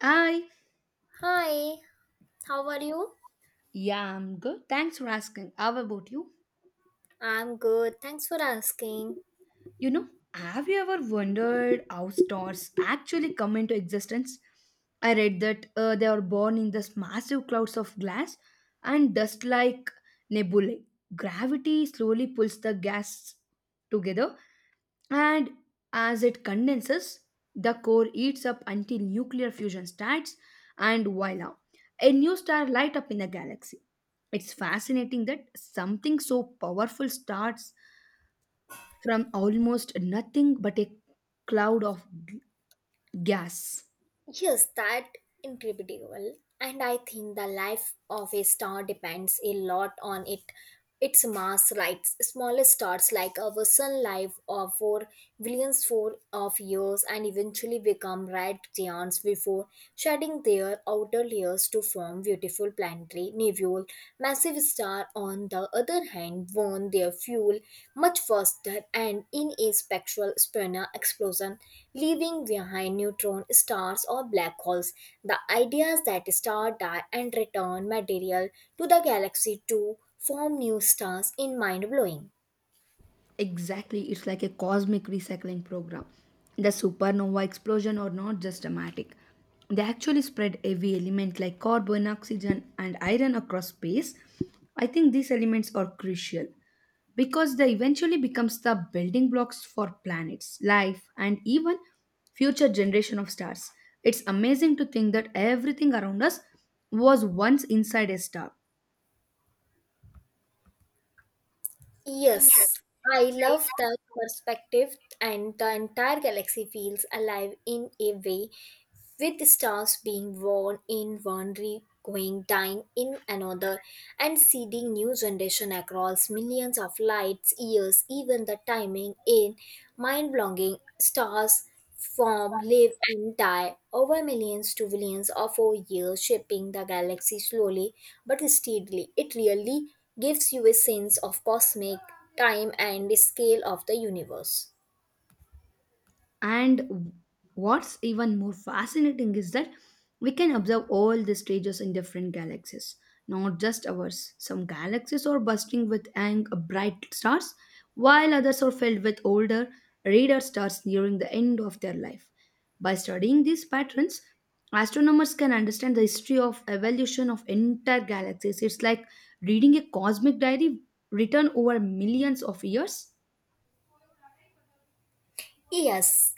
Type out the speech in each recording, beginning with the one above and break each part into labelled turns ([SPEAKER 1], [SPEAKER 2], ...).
[SPEAKER 1] I,
[SPEAKER 2] Hi, how are you?
[SPEAKER 1] yeah, I'm good. Thanks for asking. How about you?
[SPEAKER 2] I'm good, thanks for asking.
[SPEAKER 1] Have you ever wondered how stars actually come into existence? I read that they are born in these massive clouds of glass and dust like nebulae. Gravity slowly pulls the gas together, and as it condenses, the core heats up until nuclear fusion starts, and voila, a new star light up in the galaxy. It's fascinating that something so powerful starts from almost nothing but a cloud of g- gas.
[SPEAKER 2] Yes, that incredible. And I think the life of a star depends a lot on it. Its mass lights smaller stars like our sun live or for billions for of years and eventually become red giants before shedding their outer layers to form beautiful planetary nebulae. Massive stars, on the other hand, burn their fuel much faster and in a spectral spinner explosion, leaving behind neutron stars or black holes. The idea is that stars die and return material to the galaxy too form new stars in mind blowing.
[SPEAKER 1] Exactly, it's like a cosmic recycling program. The supernova explosion are not just dramatic. They actually spread heavy elements like carbon, oxygen, and iron across space. I think these elements are crucial because they eventually becomes the building blocks for planets, life, and even future generation of stars. It's amazing to think that everything around us was once inside a star.
[SPEAKER 2] Yes, I love that perspective, and the entire galaxy feels alive in a way, with stars being born in one re going dying in another and seeding new generation across millions of lights years even the timing in mind blowing stars form, live, and die over millions to billions of our years, shaping the galaxy slowly but steadily. It really gives you a sense of cosmic time and the scale of the universe.
[SPEAKER 1] And what's even more fascinating is that we can observe all the stages in different galaxies, not just ours. Some galaxies are bursting with young, bright stars, while others are filled with older, rarer stars nearing the end of their life. By studying these patterns, astronomers can understand the history of evolution of entire galaxies. It's like reading a cosmic diary written over millions of years.
[SPEAKER 2] Yes,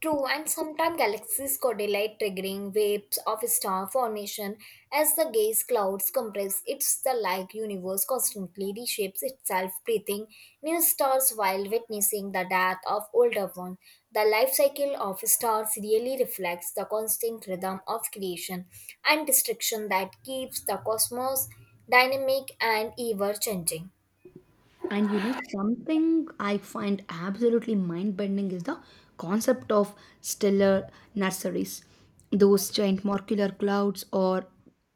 [SPEAKER 2] true, and sometimes galaxies collide, triggering waves of star formation as the gas clouds compress. It's the like universe constantly reshapes itself, breathing new stars while witnessing the death of older ones. The life cycle of stars really reflects the constant rhythm of creation and destruction that keeps the cosmos dynamic and ever changing.
[SPEAKER 1] And something I find absolutely mind bending is the concept of stellar nurseries. Those giant molecular clouds are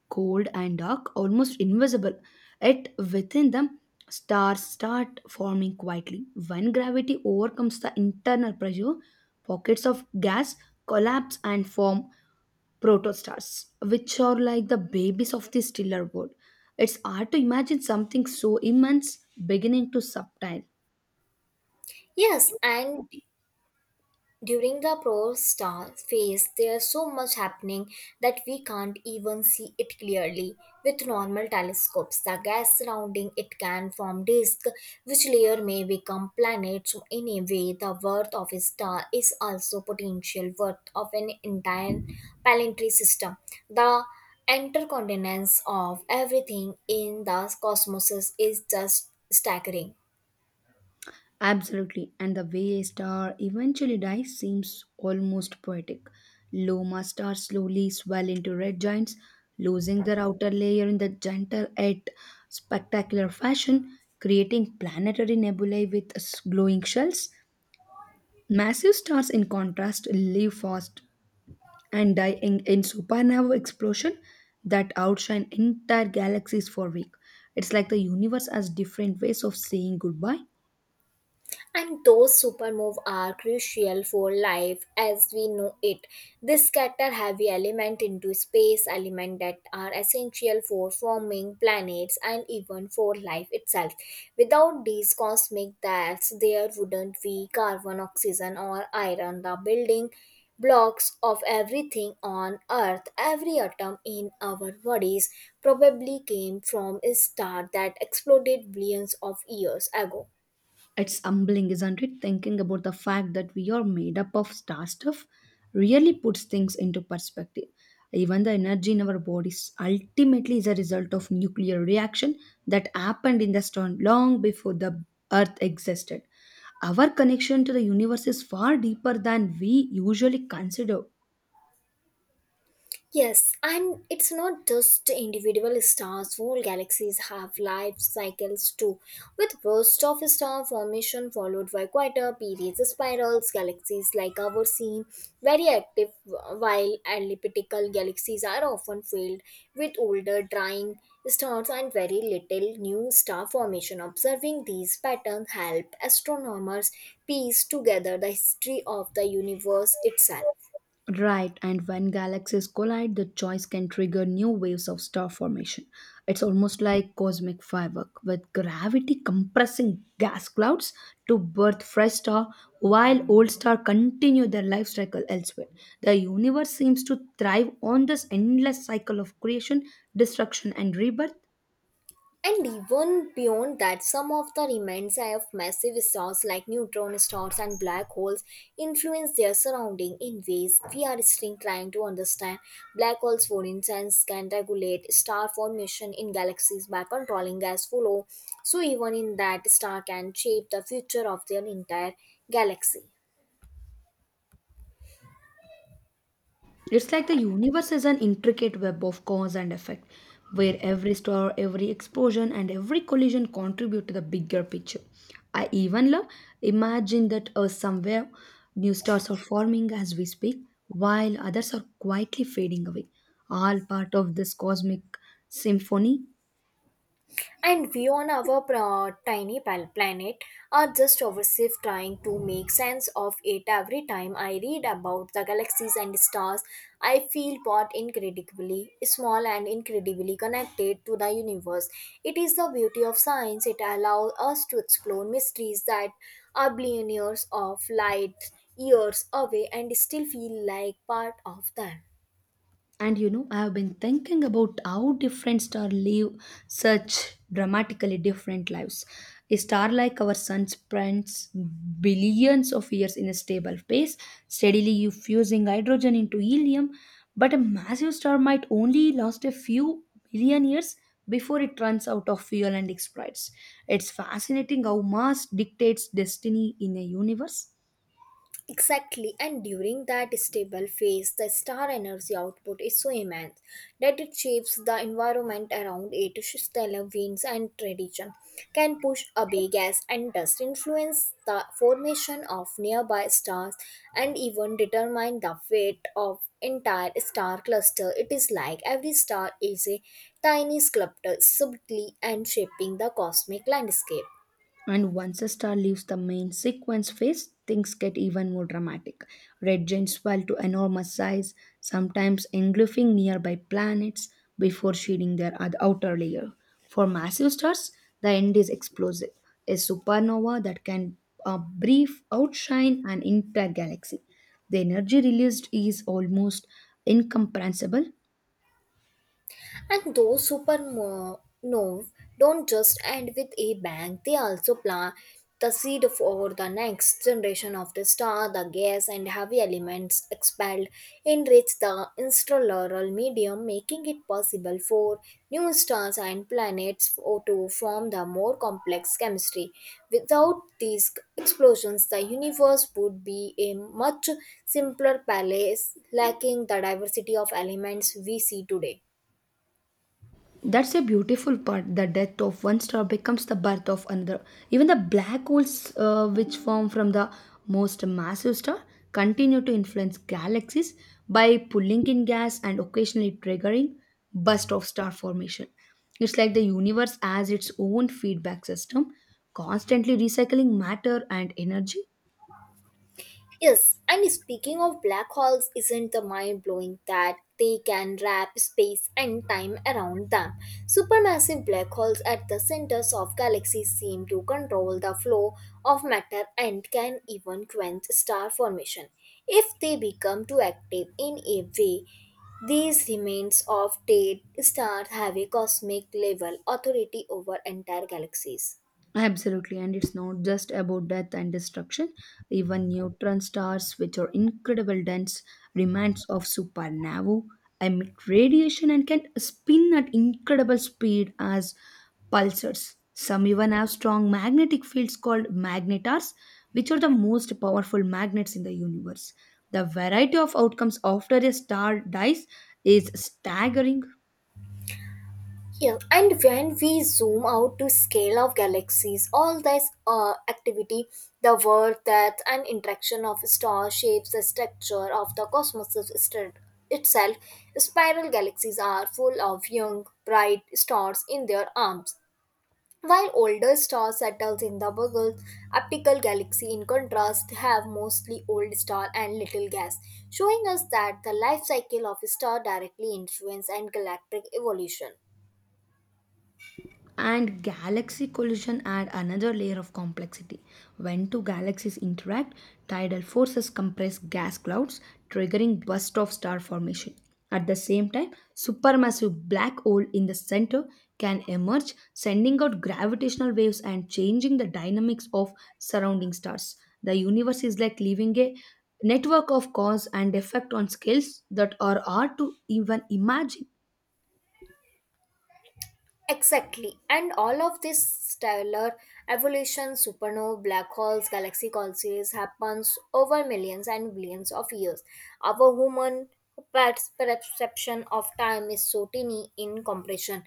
[SPEAKER 1] cold and dark, almost invisible. Yet within them, stars start forming quietly. When gravity overcomes the internal pressure, pockets of gas collapse and form protostars, which are like the babies of the stiller world. It's hard to imagine something so immense beginning to subtile.
[SPEAKER 2] Yes, and during the pro star phase, there's so much happening that we can't even see it clearly with normal telescopes. The gas surrounding it can form disk, which layer may become planets. So in a way, the worth of a star is also potential worth of an entire planetary system. The intercontinence of everything in the cosmos is just staggering.
[SPEAKER 1] Absolutely, and the way a star eventually dies seems almost poetic. Loma stars slowly swell into red giants, losing their outer layer in the gentle yet spectacular fashion, creating planetary nebulae with glowing shells. Massive stars, in contrast, live fast and die in supernova explosion that outshine entire galaxies for week. It's like the universe has different ways of saying goodbye.
[SPEAKER 2] And those supermove are crucial for life as we know it. They scatter heavy element into space, element that are essential for forming planets and even for life itself. Without these cosmic deaths, there wouldn't be carbon, oxygen, or iron. The building blocks of everything on earth every atom in our bodies probably came from a star that exploded billions of years ago.
[SPEAKER 1] It's humbling, isn't it? Thinking about the fact that we are made up of star stuff really puts things into perspective. Even the energy in our bodies ultimately is a result of nuclear reaction that happened in the storm long before the Earth existed. Our connection to the universe is far deeper than we usually consider.
[SPEAKER 2] Yes, and it's not just individual stars, whole galaxies have life cycles too, with bursts of star formation followed by quieter periods. Spirals galaxies like ours seem very active, while elliptical galaxies are often filled with older, drying stars and very little new star formation. Observing these patterns help astronomers piece together the history of the universe itself.
[SPEAKER 1] Right, and when galaxies collide, the choice can trigger new waves of star formation. It's almost like cosmic firework, with gravity compressing gas clouds to birth fresh star while old star continue their life cycle elsewhere. The universe seems to thrive on this endless cycle of creation, destruction, and rebirth.
[SPEAKER 2] And even beyond that, some of the remains of massive stars like neutron stars and black holes influence their surrounding in ways we are still trying to understand. Black holes, for instance, can regulate star formation in galaxies by controlling gas flow, so even in that, star can shape the future of their entire galaxy.
[SPEAKER 1] It's like the universe is an intricate web of cause and effect, where every star, every explosion, and every collision contribute to the bigger picture. I even love imagine that somewhere new stars are forming as we speak, while others are quietly fading away, all part of this cosmic symphony.
[SPEAKER 2] And we on our tiny planet are just obsessive trying to make sense of it every time I read about the galaxies and stars I feel both incredibly small and incredibly connected to the universe. It is the beauty of science, it allows us to explore mysteries that are billions of light years away and still feel like part of them.
[SPEAKER 1] And I have been thinking about how different stars live such dramatically different lives. A star like our sun spends billions of years in a stable phase, steadily fusing hydrogen into helium, but a massive star might only last a few billion years before it runs out of fuel and explodes. It's fascinating how mass dictates destiny in a universe.
[SPEAKER 2] Exactly, and during that stable phase, the star energy output is so immense that it shapes the environment around it. Stellar winds and radiation can push away gas and dust, influence the formation of nearby stars, and even determine the fate of entire star cluster. It is like every star is a tiny sculptor, subtly and shaping the cosmic landscape.
[SPEAKER 1] And once a star leaves the main sequence phase, things get even more dramatic. Red giants swell to enormous size, sometimes engulfing nearby planets before shedding their outer layer. For massive stars, the end is explosive, a supernova that can brief outshine an entire galaxy. The energy released is almost incomprehensible.
[SPEAKER 2] And those supernova don't just end with a bang, they also plant the seed for the next generation of the star. The gas and heavy elements expelled enrich the interstellar medium, making it possible for new stars and planets or to form the more complex chemistry. Without these explosions, the universe would be a much simpler palace lacking the diversity of elements we see today.
[SPEAKER 1] That's a beautiful part. The death of one star becomes the birth of another. Even the black holes, which form from the most massive star, continue to influence galaxies by pulling in gas and occasionally triggering burst of star formation. It's like the universe has its own feedback system, constantly recycling matter and energy.
[SPEAKER 2] Yes, and speaking of black holes, isn't the mind blowing that they can wrap space and time around them? Supermassive black holes at the centers of galaxies seem to control the flow of matter and can even quench star formation if they become too active in a way. These remains of dead stars have a cosmic level authority over entire galaxies.
[SPEAKER 1] Absolutely, and it's not just about death and destruction. Even neutron stars, which are incredible dense remnants of supernovae, emit radiation and can spin at incredible speed as pulsars. Some even have strong magnetic fields called magnetars, which are the most powerful magnets in the universe. The variety of outcomes after a star dies is staggering.
[SPEAKER 2] Yeah, and when we zoom out to scale of galaxies, all this activity, the work that and interaction of stars shapes the structure of the cosmos itself. Spiral galaxies are full of young, bright stars in their arms, while older stars settle in the bugle. Optical galaxy, in contrast, have mostly old star and little gas, showing us that the life cycle of a star directly influence and galactic evolution.
[SPEAKER 1] And galaxy collision add another layer of complexity. When two galaxies interact, tidal forces compress gas clouds, triggering burst of star formation. At the same time, supermassive black hole in the center can emerge, sending out gravitational waves and changing the dynamics of surrounding stars. The universe is like living a network of cause and effect on scales that are hard to even imagine.
[SPEAKER 2] Exactly. And all of this stellar evolution, supernova, black holes, galaxy collapses happens over millions and billions of years. Our human perception of time is so tiny in comparison.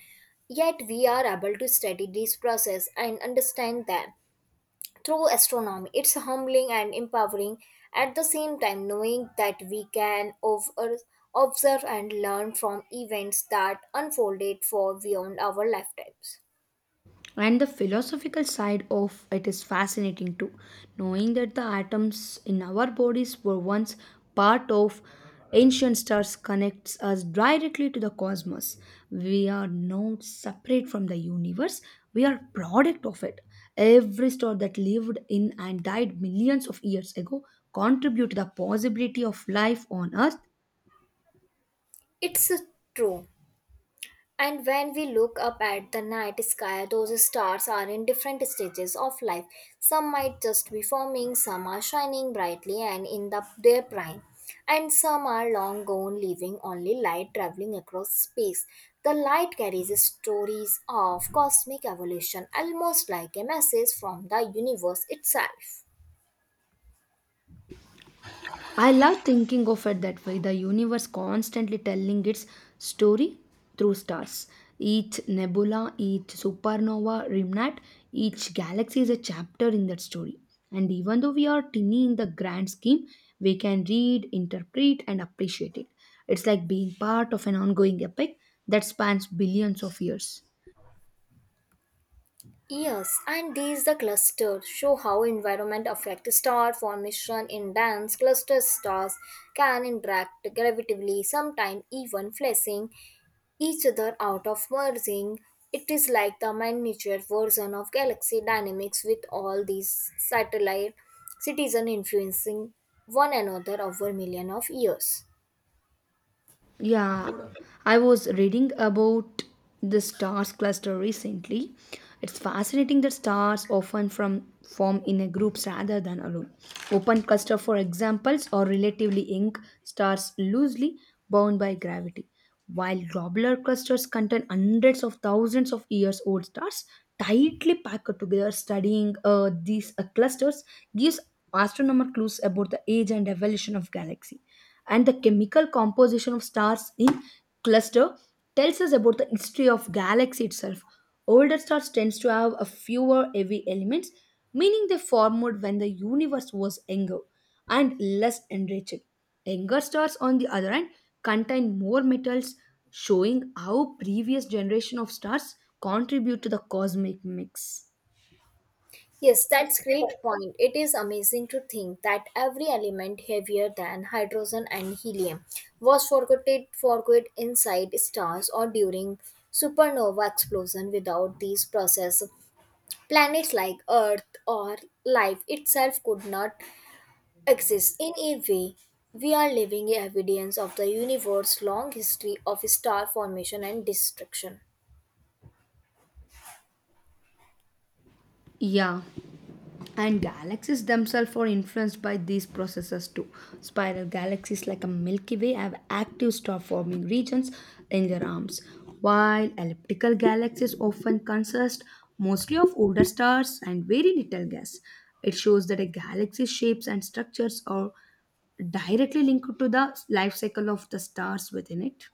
[SPEAKER 2] Yet we are able to study these process and understand them through astronomy. It's humbling and empowering at the same time, knowing that we can observe and learn from events that unfolded for beyond our lifetimes.
[SPEAKER 1] And the philosophical side of it is fascinating too, knowing that the atoms in our bodies were once part of ancient stars connects us directly to the cosmos. We are not separate from the universe, we are product of it. Every star that lived in and died millions of years ago contribute to the possibility of life on earth.
[SPEAKER 2] It's true. And when we look up at the night sky, those stars are in different stages of life. Some might just be forming, some are shining brightly and in their prime, and some are long gone, leaving only light traveling across space. The light carries stories of cosmic evolution, almost like a message from the universe itself.
[SPEAKER 1] I love thinking of it that way. The universe constantly telling its story through stars. Each nebula, each supernova, remnant, each galaxy is a chapter in that story. And even though we are tiny in the grand scheme, we can read, interpret, and appreciate it. It's like being part of an ongoing epic that spans billions of years.
[SPEAKER 2] Yes, and these the clusters show how environment affect star formation in dense cluster stars can interact gravitatively, sometimes even fleshing each other out of merging. It is like the miniature version of galaxy dynamics with all these satellite citizen influencing one another over millions of years.
[SPEAKER 1] Yeah, I was reading about the stars cluster recently. It's fascinating that stars often from form in a groups rather than alone. Open cluster, for examples, or relatively young stars loosely bound by gravity, while globular clusters contain hundreds of thousands of years old stars tightly packed together. Studying these clusters gives astronomers clues about the age and evolution of galaxy, and the chemical composition of stars in cluster tells us about the history of galaxy itself. Older stars tends to have a fewer heavy elements, meaning they formed when the universe was younger and less enriched. Younger stars, on the other hand, contain more metals, showing how previous generation of stars contribute to the cosmic mix.
[SPEAKER 2] Yes, that's great point. It is amazing to think that every element heavier than hydrogen and helium was forgotten forgot inside stars or during supernova explosion. Without these processes, planets like Earth or life itself could not exist. In a way, we are living evidence of the universe's long history of star formation and destruction.
[SPEAKER 1] Yeah, and galaxies themselves are influenced by these processes too. Spiral galaxies like a Milky Way have active star forming regions in their arms, while elliptical galaxies often consist mostly of older stars and very little gas. It shows that a galaxy's shapes and structures are directly linked to the life cycle of the stars within it.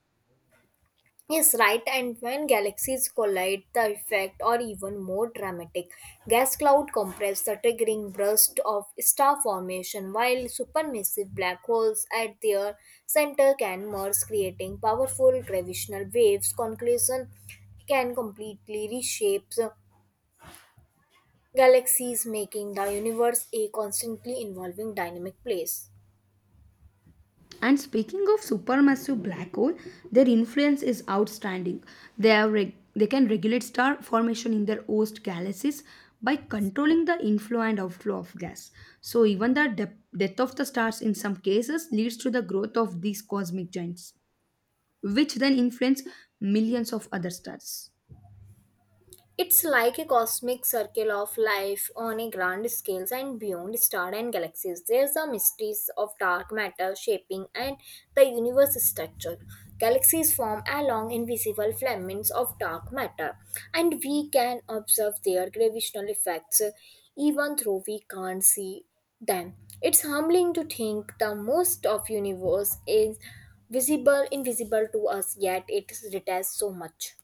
[SPEAKER 2] Yes, right. And when galaxies collide, the effect are even more dramatic. Gas cloud compress the triggering burst of star formation, while supermassive black holes at their center can merge, creating powerful gravitational waves. Conclusion can completely reshape the galaxies, making the universe a constantly evolving dynamic place.
[SPEAKER 1] And speaking of supermassive black hole, their influence is outstanding. They can regulate star formation in their host galaxies by controlling the inflow and outflow of gas. So even the death of the stars in some cases leads to the growth of these cosmic giants, which then influence millions of other stars.
[SPEAKER 2] It's like a cosmic circle of life on a grand scale and beyond stars and galaxies. There's the mysteries of dark matter shaping and the universe structure. Galaxies form along invisible filaments of dark matter, and we can observe their gravitational effects even though we can't see them. It's humbling to think the most of universe is visible invisible to us yet it retains so much.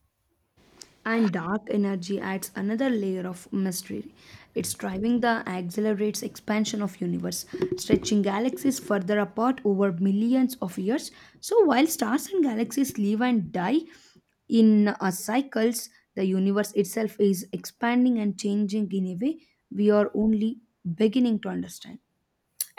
[SPEAKER 1] And dark energy adds another layer of mystery. Its driving the accelerates expansion of universe, stretching galaxies further apart over millions of years. So while stars and galaxies live and die in cycles, the universe itself is expanding and changing in a way we are only beginning to understand.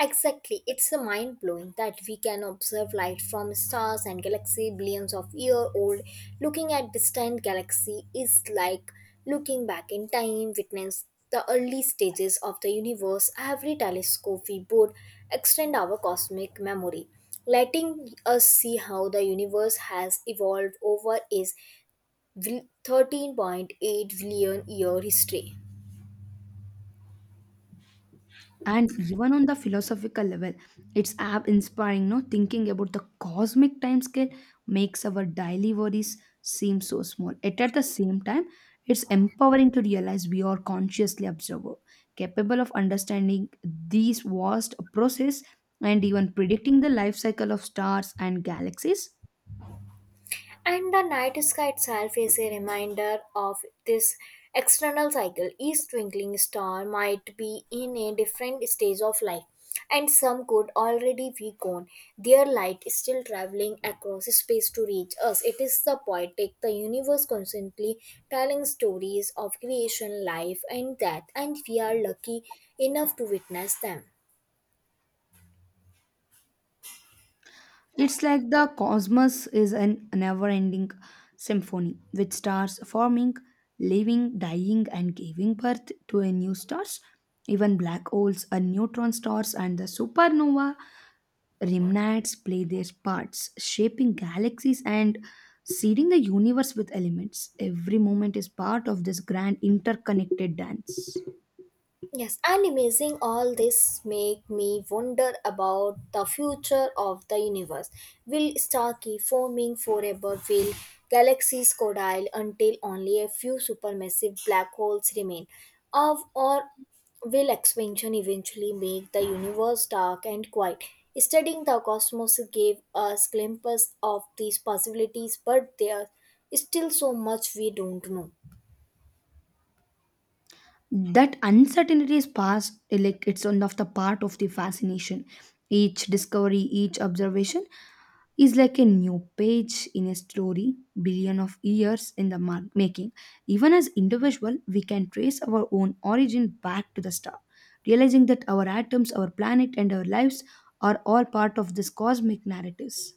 [SPEAKER 2] Exactly, it's a mind blowing that we can observe light from stars and galaxy billions of year old. Looking at distant galaxy is like looking back in time, witness the early stages of the universe. Every telescope we board extend our cosmic memory, letting us see how the universe has evolved over its 13.8 billion year history.
[SPEAKER 1] And even on the philosophical level, it's app inspiring no thinking about the cosmic time scale makes our daily worries seem so small, yet at the same time it's empowering to realize we are consciously observer capable of understanding these vast process and even predicting the life cycle of stars and galaxies.
[SPEAKER 2] And the night sky itself is a reminder of this external cycle. Each twinkling star might be in a different stage of life, and some could already be gone. Their light is still traveling across space to reach us. It is the poetic, the universe constantly telling stories of creation, life, and death, and we are lucky enough to witness them.
[SPEAKER 1] It's like the cosmos is an never ending symphony with stars forming, living, dying, and giving birth to a new stars. Even black holes and neutron stars and the supernova remnants play their parts, shaping galaxies and seeding the universe with elements. Every moment is part of this grand interconnected dance.
[SPEAKER 2] Yes, and amazing all this make me wonder about the future of the universe. Will star keep forming forever? Will galaxies collide until only a few supermassive black holes remain? Of or will expansion eventually make the universe dark and quiet? Studying the cosmos gave us glimpses of these possibilities, but there's still so much we don't know.
[SPEAKER 1] That uncertainty is past like it's one of the part of the fascination. Each discovery, each observation is like a new page in a story billion of years in the making. Even as individual we can trace our own origin back to the star, realizing that our atoms, our planet, and our lives are all part of this cosmic narratives.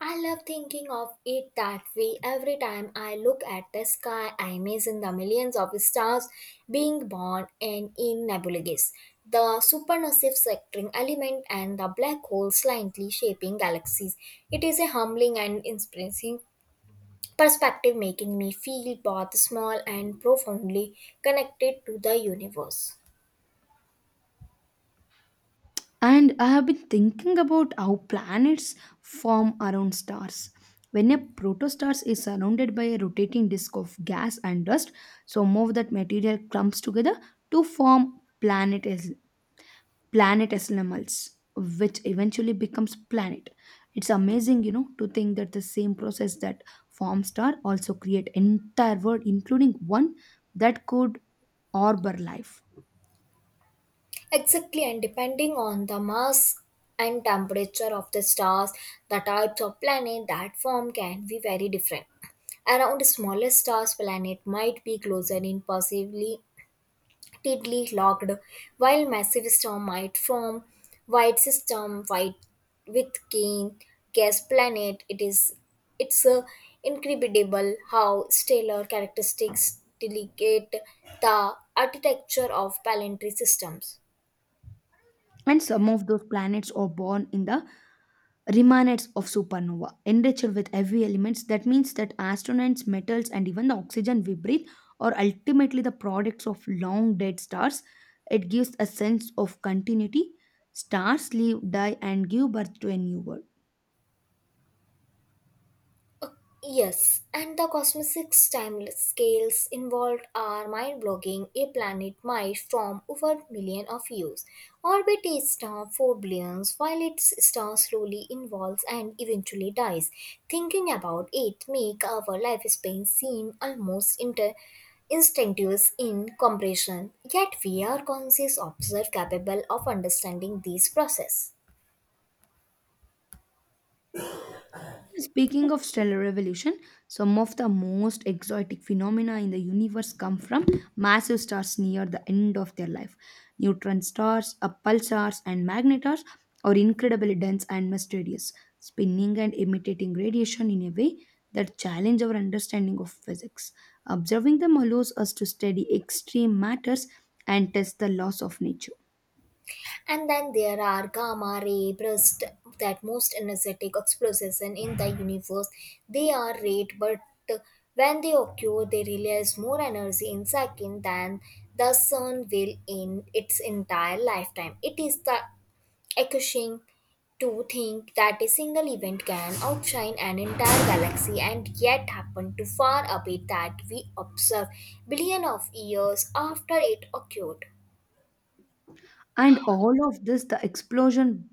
[SPEAKER 2] I love thinking of it that way. Every time I look at the sky, I imagine the millions of stars being born and in nebulae, the supermassive sectoring element, and the black holes slightly shaping galaxies. It is a humbling and inspiring perspective, making me feel both small and profoundly connected to the universe.
[SPEAKER 1] And I have been thinking about how planets form around stars. When a protostar is surrounded by a rotating disk of gas and dust, some of that material clumps together to form planetesimals, which eventually becomes planet. It's amazing to think that the same process that forms star also create entire world, including one that could harbor life.
[SPEAKER 2] Exactly, and depending on the mass and temperature of the stars, the types of planet that form can be very different. Around smaller stars, planet might be closer in possibly tidally locked, while massive star might form white system white with keen gas planet. It is it's incredible how stellar characteristics delegate the architecture of planetary systems.
[SPEAKER 1] And some of those planets are born in the remnants of supernova enriched with heavy elements. That means that astronauts metals and even the oxygen we breathe are ultimately the products of long dead stars. It gives a sense of continuity. Stars live, die, and give birth to a new world.
[SPEAKER 2] Yes, and the cosmic time scales involved are mind-blowing. A planet might form over million of years, orbit a star for billions, while its star slowly evolves and eventually dies. Thinking about it make our lifespan seem almost instinctives in comparison. Yet we are conscious observers capable of understanding these process.
[SPEAKER 1] Speaking of stellar revolution, some of the most exotic phenomena in the universe come from massive stars near the end of their life. Neutron stars, pulsars, and magnetars are incredibly dense and mysterious, spinning and emitting radiation in a way that challenge our understanding of physics. Observing them allows us to study extreme matters and test the laws of nature.
[SPEAKER 2] And then there are gamma ray bursts, that most energetic explosion in the universe. They are rare, but when they occur, they release more energy in second than the sun will in its entire lifetime. It is the accusing to think that a single event can outshine an entire galaxy and yet happen to far away that we observe billion of years after it occurred.
[SPEAKER 1] And all of this, the explosion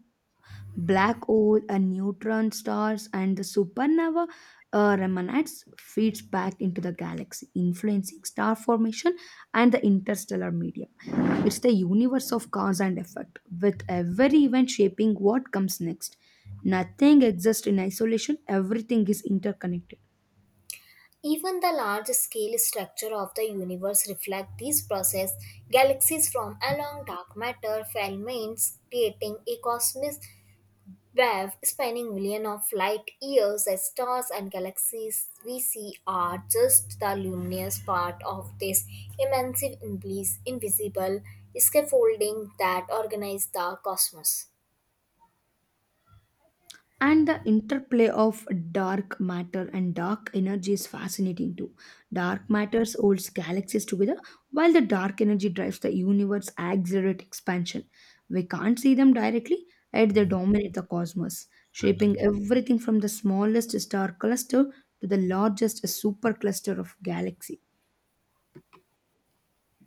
[SPEAKER 1] black hole and neutron stars and the supernova remnants feeds back into the galaxy influencing star formation and the interstellar medium. It's the universe of cause and effect with every event shaping what comes next. Nothing exists in isolation, everything is interconnected.
[SPEAKER 2] Even the large scale structure of the universe reflects this process. Galaxies form along dark matter filaments, creating a cosmic web spanning millions of light years as stars and galaxies we see are just the luminous part of this immense invisible scaffolding that organizes the cosmos.
[SPEAKER 1] And the interplay of dark matter and dark energy is fascinating too. Dark matter holds galaxies together while the dark energy drives the universe accelerate expansion. We can't see them directly, yet they dominate the cosmos, shaping everything from the smallest star cluster to the largest supercluster of galaxy.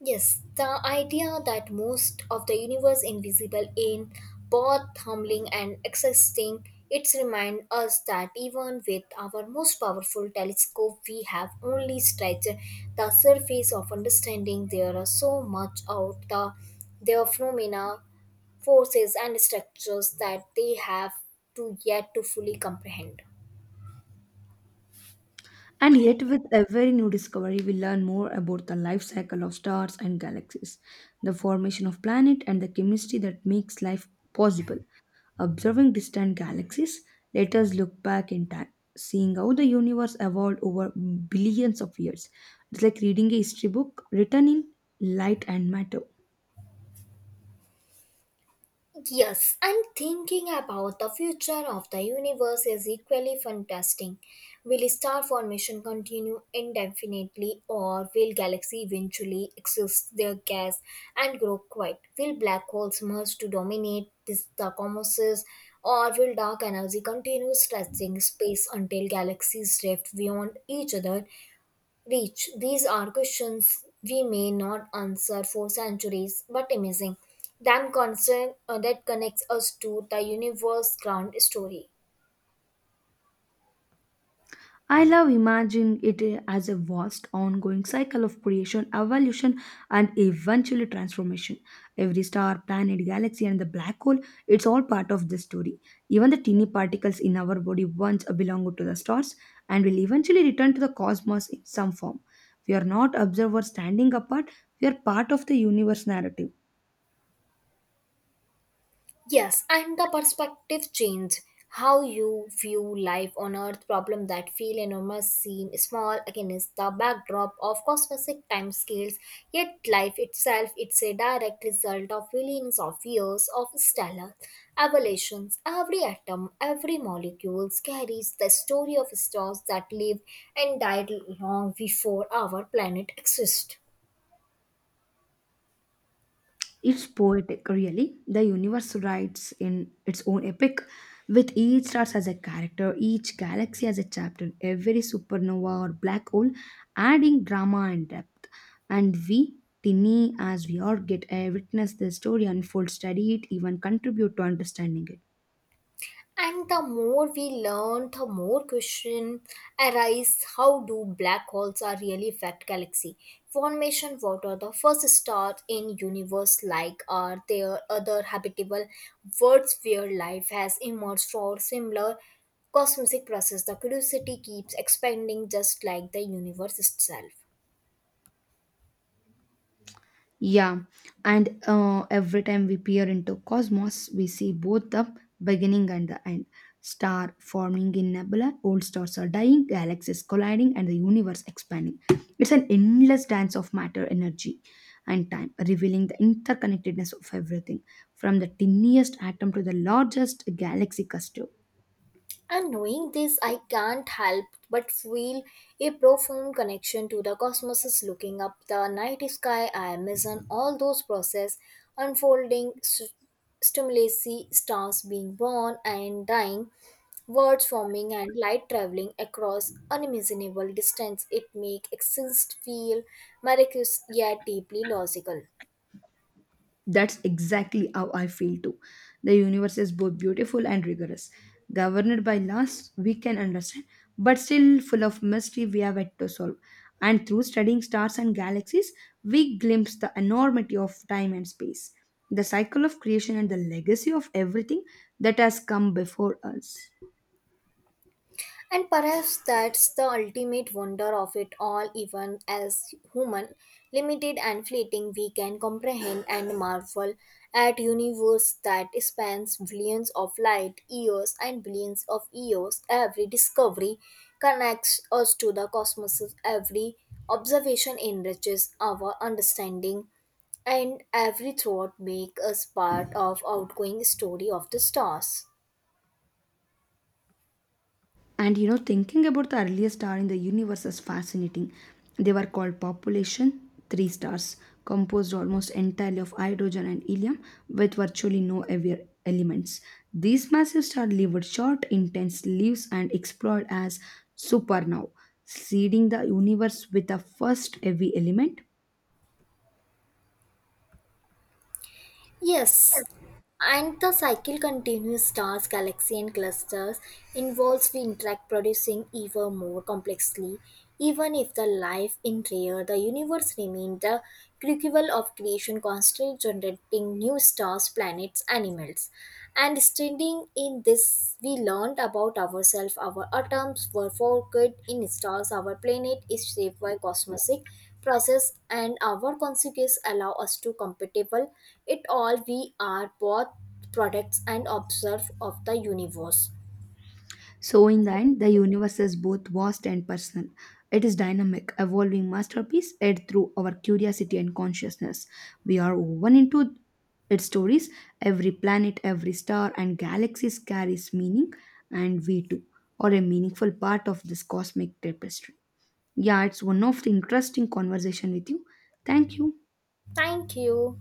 [SPEAKER 2] Yes, the idea that most of the universe invisible in both humbling and exhausting, it's remind us that even with our most powerful telescope, we have only stretched the surface of understanding. There are so much out the their phenomena, forces and structures that they have to yet to fully comprehend.
[SPEAKER 1] And yet, with every new discovery, we learn more about the life cycle of stars and galaxies, the formation of planets, and the chemistry that makes life possible. Observing distant galaxies, let us look back in time, seeing how the universe evolved over billions of years. It's like reading a history book written in light and matter.
[SPEAKER 2] Yes, and thinking about the future of the universe is equally fantastic. Will star formation continue indefinitely, or will galaxies eventually exhaust their gas and grow quiet? Will black holes merge to dominate this, the cosmos, or will dark energy continue stretching space until galaxies drift beyond each other reach. These are questions we may not answer for centuries, but amazing. Them concern that connects us to the universe ground story.
[SPEAKER 1] I love imagining it as a vast ongoing cycle of creation, evolution, and eventually transformation. Every star, planet, galaxy, and the black hole, it's all part of this story. Even the tiny particles in our body once belonged to the stars and will eventually return to the cosmos in some form. We are not observers standing apart, we are part of the universe narrative.
[SPEAKER 2] Yes, and the perspective change how you view life on earth problem that feel enormous seem small against the backdrop of cosmic time scales yet life itself it's a direct result of billions of years of stellar evolutions every atom every molecule carries the story of stars that lived and died long before our planet exists.
[SPEAKER 1] It's poetic, really. The universe writes in its own epic, with each star as a character, each galaxy as a chapter, every supernova or black hole adding drama and depth. And we, tiny as we are, get a witness the story unfold, study it, even contribute to understanding it.
[SPEAKER 2] And the more we learn, the more question arise how do black holes are really affect galaxy formation? What are the first stars in universe like? Are there other habitable worlds where life has emerged for similar cosmic process? The curiosity keeps expanding just like the universe itself.
[SPEAKER 1] Yeah, and every time we peer into cosmos, we see both the beginning and the end. Star forming in nebula, old stars are dying, galaxies colliding, and the universe expanding. It's an endless dance of matter, energy, and time, revealing the interconnectedness of everything, from the tiniest atom to the largest galaxy cluster.
[SPEAKER 2] And knowing this, I can't help but feel a profound connection to the cosmos is looking up the night sky. I imagine all those process unfolding, stimulacy, stars being born and dying, words forming and light traveling across unimaginable distance. It makes existence feel miraculous yet deeply logical.
[SPEAKER 1] That's exactly how I feel too. The universe is both beautiful and rigorous, governed by laws we can understand, but still full of mystery we have yet to solve. And through studying stars and galaxies, we glimpse the enormity of time and space, the cycle of creation, and the legacy of everything that has come before us.
[SPEAKER 2] And perhaps that's the ultimate wonder of it all, even as human, limited and fleeting, we can comprehend and marvel at universe that spans billions of light years and billions of years. Every discovery connects us to the cosmos. Every observation enriches our understanding and every thought makes us part of outgoing story of the stars.
[SPEAKER 1] And you know, thinking about the earliest star in the universe is fascinating. They were called population three stars, composed almost entirely of hydrogen and helium, with virtually no heavier elements. These massive stars lived short, intense lives and explored as supernovae, seeding the universe with the first heavy element.
[SPEAKER 2] Yes, and the cycle continues stars, galaxies, and clusters involves we interact, producing even more complexly. Even if the life in rare, the universe remains the crucible of creation, constantly generating new stars, planets, animals. And standing in this, we learned about ourselves. Our atoms were forged in stars. Our planet is shaped by cosmic process and our consequences allow us to compatible it all we are both products and observe of the universe.
[SPEAKER 1] So, in the end, the universe is both vast and personal. It is dynamic, evolving masterpiece aired through our curiosity and consciousness. We are woven into its stories. Every planet, every star, and galaxies carries meaning, and we too are a meaningful part of this cosmic tapestry. Yeah, it's one of the interesting conversation with you. Thank you.
[SPEAKER 2] Thank you.